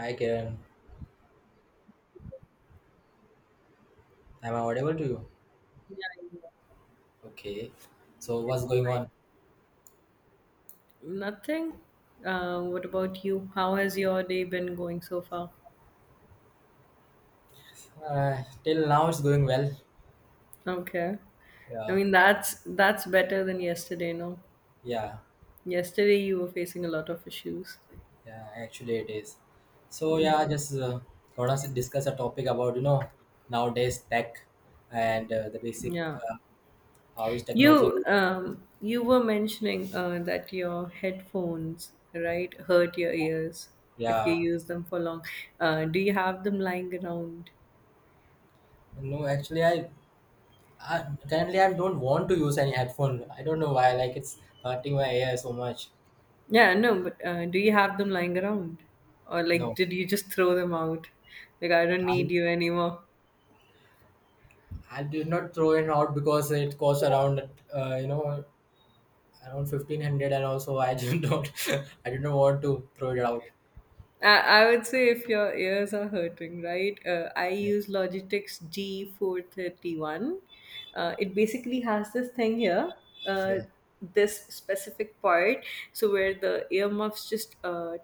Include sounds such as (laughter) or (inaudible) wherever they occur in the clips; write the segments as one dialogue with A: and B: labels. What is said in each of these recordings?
A: Hi Kiran, am I audible to you?
B: Yeah.
A: Okay, so what's going on?
B: Nothing. What about you? How has your day been going so far?
A: Till now it's going well.
B: Okay. I
A: Yeah,
B: mean, that's better than yesterday, no?
A: yeah,
B: Yesterday you were facing a lot of issues.
A: yeah. Actually, it is. So
B: Mm,
A: yeah, just gonna discuss a topic about nowadays tech and the basic
B: Yeah.
A: uh, how is technology.
B: You were mentioning that your headphones, right, hurt your ears if you
A: Yeah,
B: use them for long. Do you have them lying around?
A: no, actually I currently I don't want to use any headphone. I don't know why. Like it's hurting my ear so much.
B: Yeah, no, but do you have them lying around? Or like,
A: No,
B: did you just throw them out? Like, I don't
A: I
B: need you anymore.
A: I did not throw it out because it costs around around 1500, and also I did not (laughs) I didn't want to throw it out.
B: I would say if your ears are hurting, right? I
A: Yeah,
B: use Logitech's G431. It basically has this thing here, uh,
A: yeah,
B: this specific part, so where the earmuffs just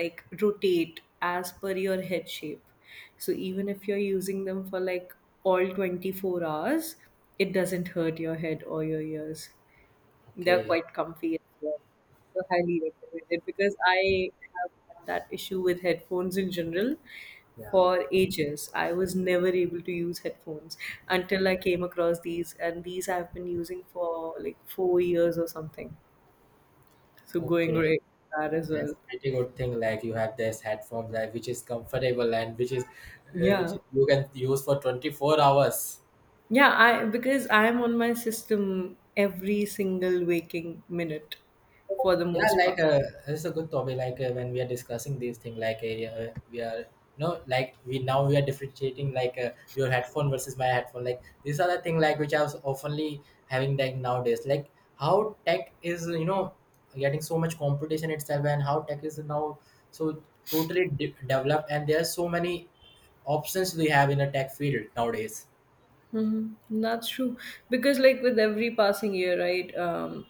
B: like rotate as per your head shape. So even if you're using them for like all 24 hours, it doesn't hurt your head or your ears. They're
A: okay
B: quite comfy as well. So highly recommend it because I have had that issue with headphones in general
A: yeah
B: for ages. I was never able to use headphones until I came across these, and these I've been using for like 4 years or something. So going
A: okay
B: great with that as
A: that's
B: well.
A: a pretty good thing, like you have this headphone that which is comfortable and which is uh, which
B: Yeah.
A: is, you can use for 24 hours.
B: Yeah, I because I'm on my system every single waking minute for the
A: Yeah,
B: most part.
A: it's a good topic. When we are discussing these things, yeah, we are, no, like we now we are differentiating your headphone versus my headphone. Like these are the thing like which I was oftenly having like nowadays. Like how tech is getting so much competition itself, and how tech is now so totally developed, and there are so many options we have in a tech field nowadays.
B: Mhm. That's true. Because, like, with every passing year, right,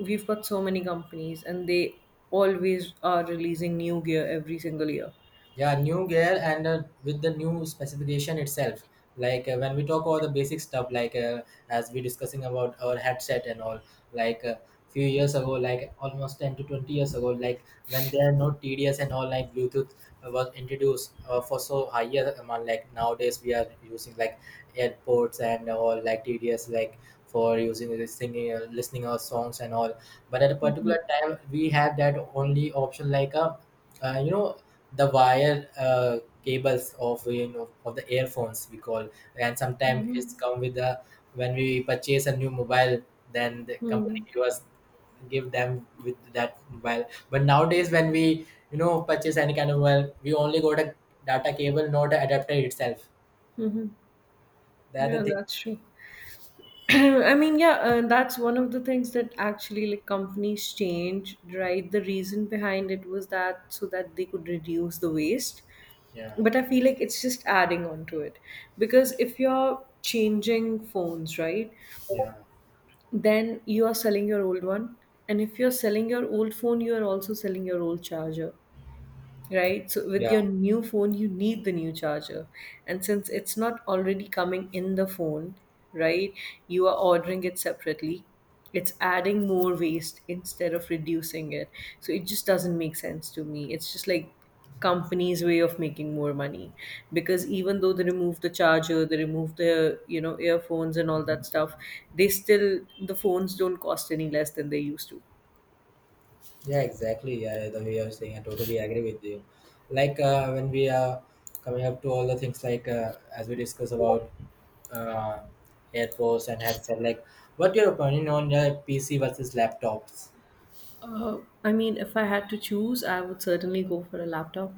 B: we've got so many companies and they always are releasing new gear every single year.
A: Yeah, new gear and with the new specification itself, when we talk about the basic stuff as we discussing about our headset and all, like uh, few years ago, like almost 10 to 20 years ago, like when there are no tds and all, like Bluetooth was introduced for so higher amount, like nowadays we are using like airports and all like tds, like for using singing listening our songs and all. But at a particular time we have that only option, like a you know the wire cables of of the earphones we call. And sometimes
B: Mm-hmm.
A: it's come with the, when we purchase a new mobile, then the company give us, give them with that mobile. But nowadays when we purchase any kind of mobile, we only got a data cable, not the adapter itself.
B: Hmm.
A: That the
B: Yeah,
A: thing.
B: that's true. (clears throat) I mean, yeah, that's one of the things that actually like companies change, right? The reason behind it was that so that they could reduce the waste.
A: yeah
B: But I feel like it's just adding on to it because if you're changing phones, right?
A: yeah
B: Then you are selling your old one. And if you're selling your old phone, you are also selling your old charger, right? So with
A: yeah
B: your new phone, you need the new charger. And since it's not already coming in the phone, right? You are ordering it separately. It's adding more waste instead of reducing it. So it just doesn't make sense to me. It's just like company's way of making more money because even though they remove the charger, they remove the you know earphones and all that stuff, they still the phones don't cost any less than they used to.
A: Yeah, exactly. Yeah, the way you're saying, I totally agree with you. When we are coming up to all the things, as we discuss about uh, AirPods and headset, like what your opinion on PC versus laptops?
B: uh, I mean, if I had to choose, I would certainly go for a laptop.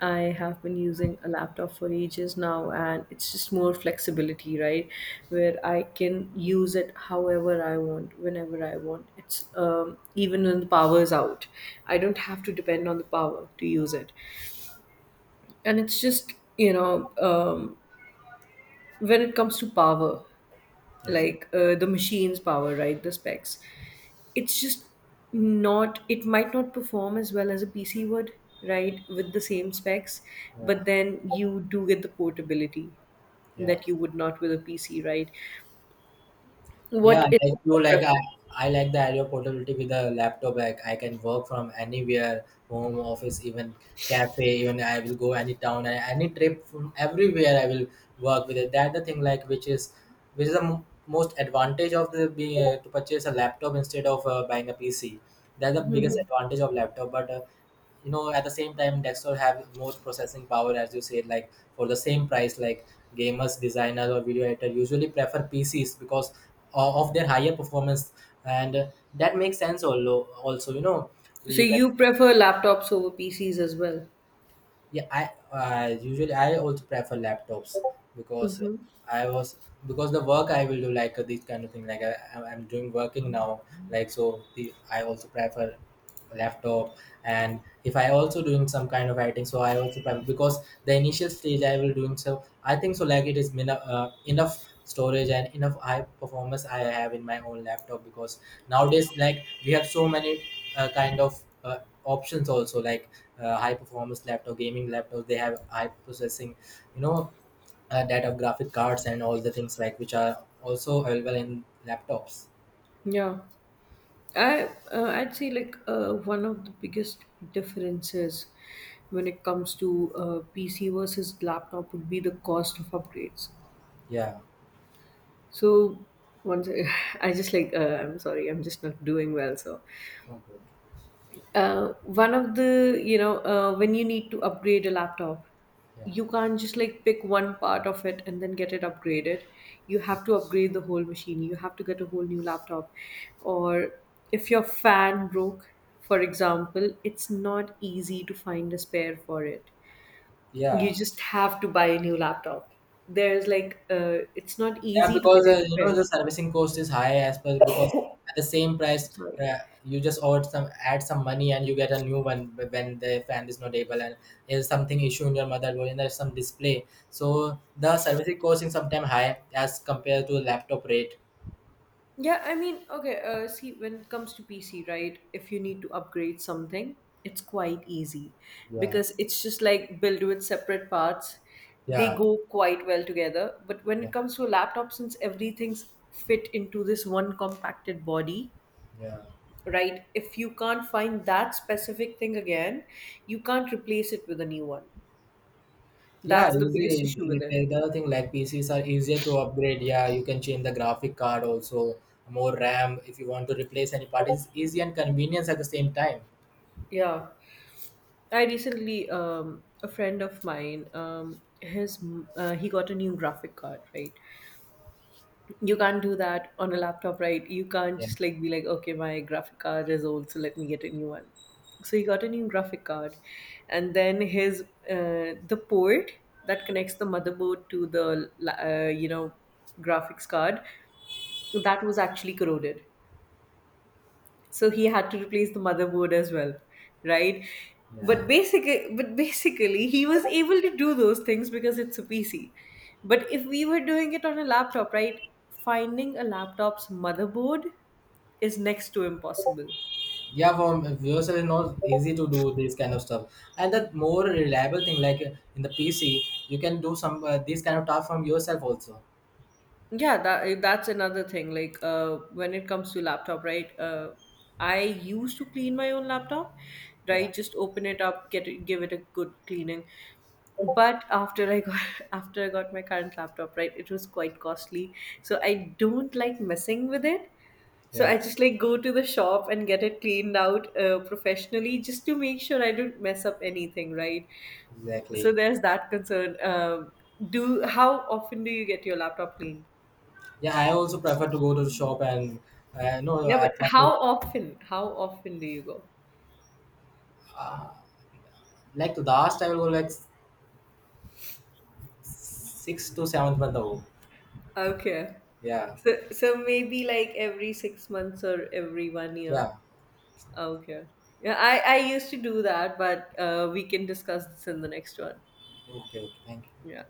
B: I have been using a laptop for ages now, and it's just more flexibility, right? Where I can use it however I want, whenever I want. It's even when the power is out, I don't have to depend on the power to use it. And it's just, you know, when it comes to power,
A: Yeah.
B: like the machine's power, right? The specs. It's just not, it might not perform as well as a PC would, right, with the same specs,
A: Yeah,
B: but then you do get the portability
A: yeah.
B: that you would not with a PC, right? What
A: Yeah,
B: is your preference?
A: I like the idea of portability with a laptop. Like I can work from anywhere, home, office, even cafe. Even I will go any town, any trip from everywhere. I will work with it. That the thing like which is the most advantage of the being to purchase a laptop instead of buying a PC. That's the biggest advantage of laptop. But at the same time desktop have more processing power, as you said, like for the same price, like gamers, designers, or video editor usually prefer pcs because of their higher performance. And that makes sense also, also
B: So
A: you can.
B: you prefer laptops over PCs as well?
A: Yeah, I usually I also prefer laptops because
B: Mm-hmm.
A: I was because the work I will do, this kind of thing like I'm doing working now, like so the, I also prefer laptop. And if I also doing some kind of editing, so I also prime because the initial stage I will doing, so I think so like it is enough storage and enough high performance I have in my own laptop. Because nowadays like we have so many kind of options also, like high performance laptop, gaming laptops, they have high processing, you know data graphic cards and all the things like which are also available in laptops.
B: Yeah, I'd say like one of the biggest differences when it comes to PC versus laptop would be the cost of upgrades.
A: Yeah.
B: So once (sighs) I (laughs) I just like I'm sorry, I'm just not doing well. So
A: Okay.
B: uh, one of the when you need to upgrade a laptop,
A: yeah
B: you can't just like pick one part of it and then get it upgraded. You have to upgrade the whole machine. You have to get a whole new laptop, or if your fan broke, for example, it's not easy to find a spare for it.
A: yeah.
B: You just have to buy a new laptop. There's like it's not
A: Yeah,
B: easy to get
A: because
B: it repaired.
A: the servicing cost is high as per, because at the same price,
B: Sorry.
A: uh, you just order some, add some money and you get a new one when the fan is not able, and there's something issue in your motherboard, and there's some display. So the servicing cost is sometimes high as compared to laptop rate.
B: Yeah, I mean, okay, see, when it comes to PC, right, if you need to upgrade something, it's quite easy
A: Yeah,
B: because it's just like built with separate parts. They
A: yeah,
B: go quite well together. But when
A: yeah,
B: it comes to a laptop, since everything's fit into this one compacted body,
A: yeah.
B: right, if you can't find that specific thing again, you can't replace it with a new one.
A: Yeah,
B: That's the
A: easy.
B: biggest issue with it.
A: The other thing, like PCs are easier to upgrade. Yeah, you can change the graphic card also, more RAM if you want to replace any part. It's easy and convenience at the same time.
B: Yeah. I recently, a friend of mine, he got a new graphic card, right? You can't do that on a laptop, right? You can't
A: Yeah.
B: just like be like, okay, my graphic card is old, so let me get a new one. So he got a new graphic card, and then his the port that connects the motherboard to the you know graphics card, that was actually corroded, so he had to replace the motherboard as well, right?
A: Yeah.
B: But basically he was able to do those things because it's a PC. But if we were doing it on a laptop, right, finding a laptop's motherboard is next to impossible.
A: Yeah, for yourself, it's not easy to do this kind of stuff. And that more reliable thing, in the PC, you can do some these kind of task from yourself also.
B: Yeah that, that's another thing like when it comes to laptop, right, I used to clean my own laptop,
A: Yeah,
B: right, just open it up, get it, give it a good cleaning. But after I got (laughs) after I got my current laptop, right, it was quite costly, so I don't like messing with it, so I
A: yeah,
B: just like go to the shop and get it cleaned out professionally just to make sure I don't mess up anything, right? So
A: exactly.
B: there's that concern. Do how often do you get your laptop cleaned?
A: Yeah, I also prefer to go to the shop and no,
B: Yeah,
A: I
B: but
A: prefer
B: how often? How often do you go?
A: uh, like the last I will go like six to seventh month ago.
B: Okay.
A: Yeah,
B: So so maybe like every 6 months or every one year.
A: yeah.
B: Okay. Yeah, I used to do that, but we can discuss this in the next one.
A: Okay, okay. Thank you.
B: Yeah.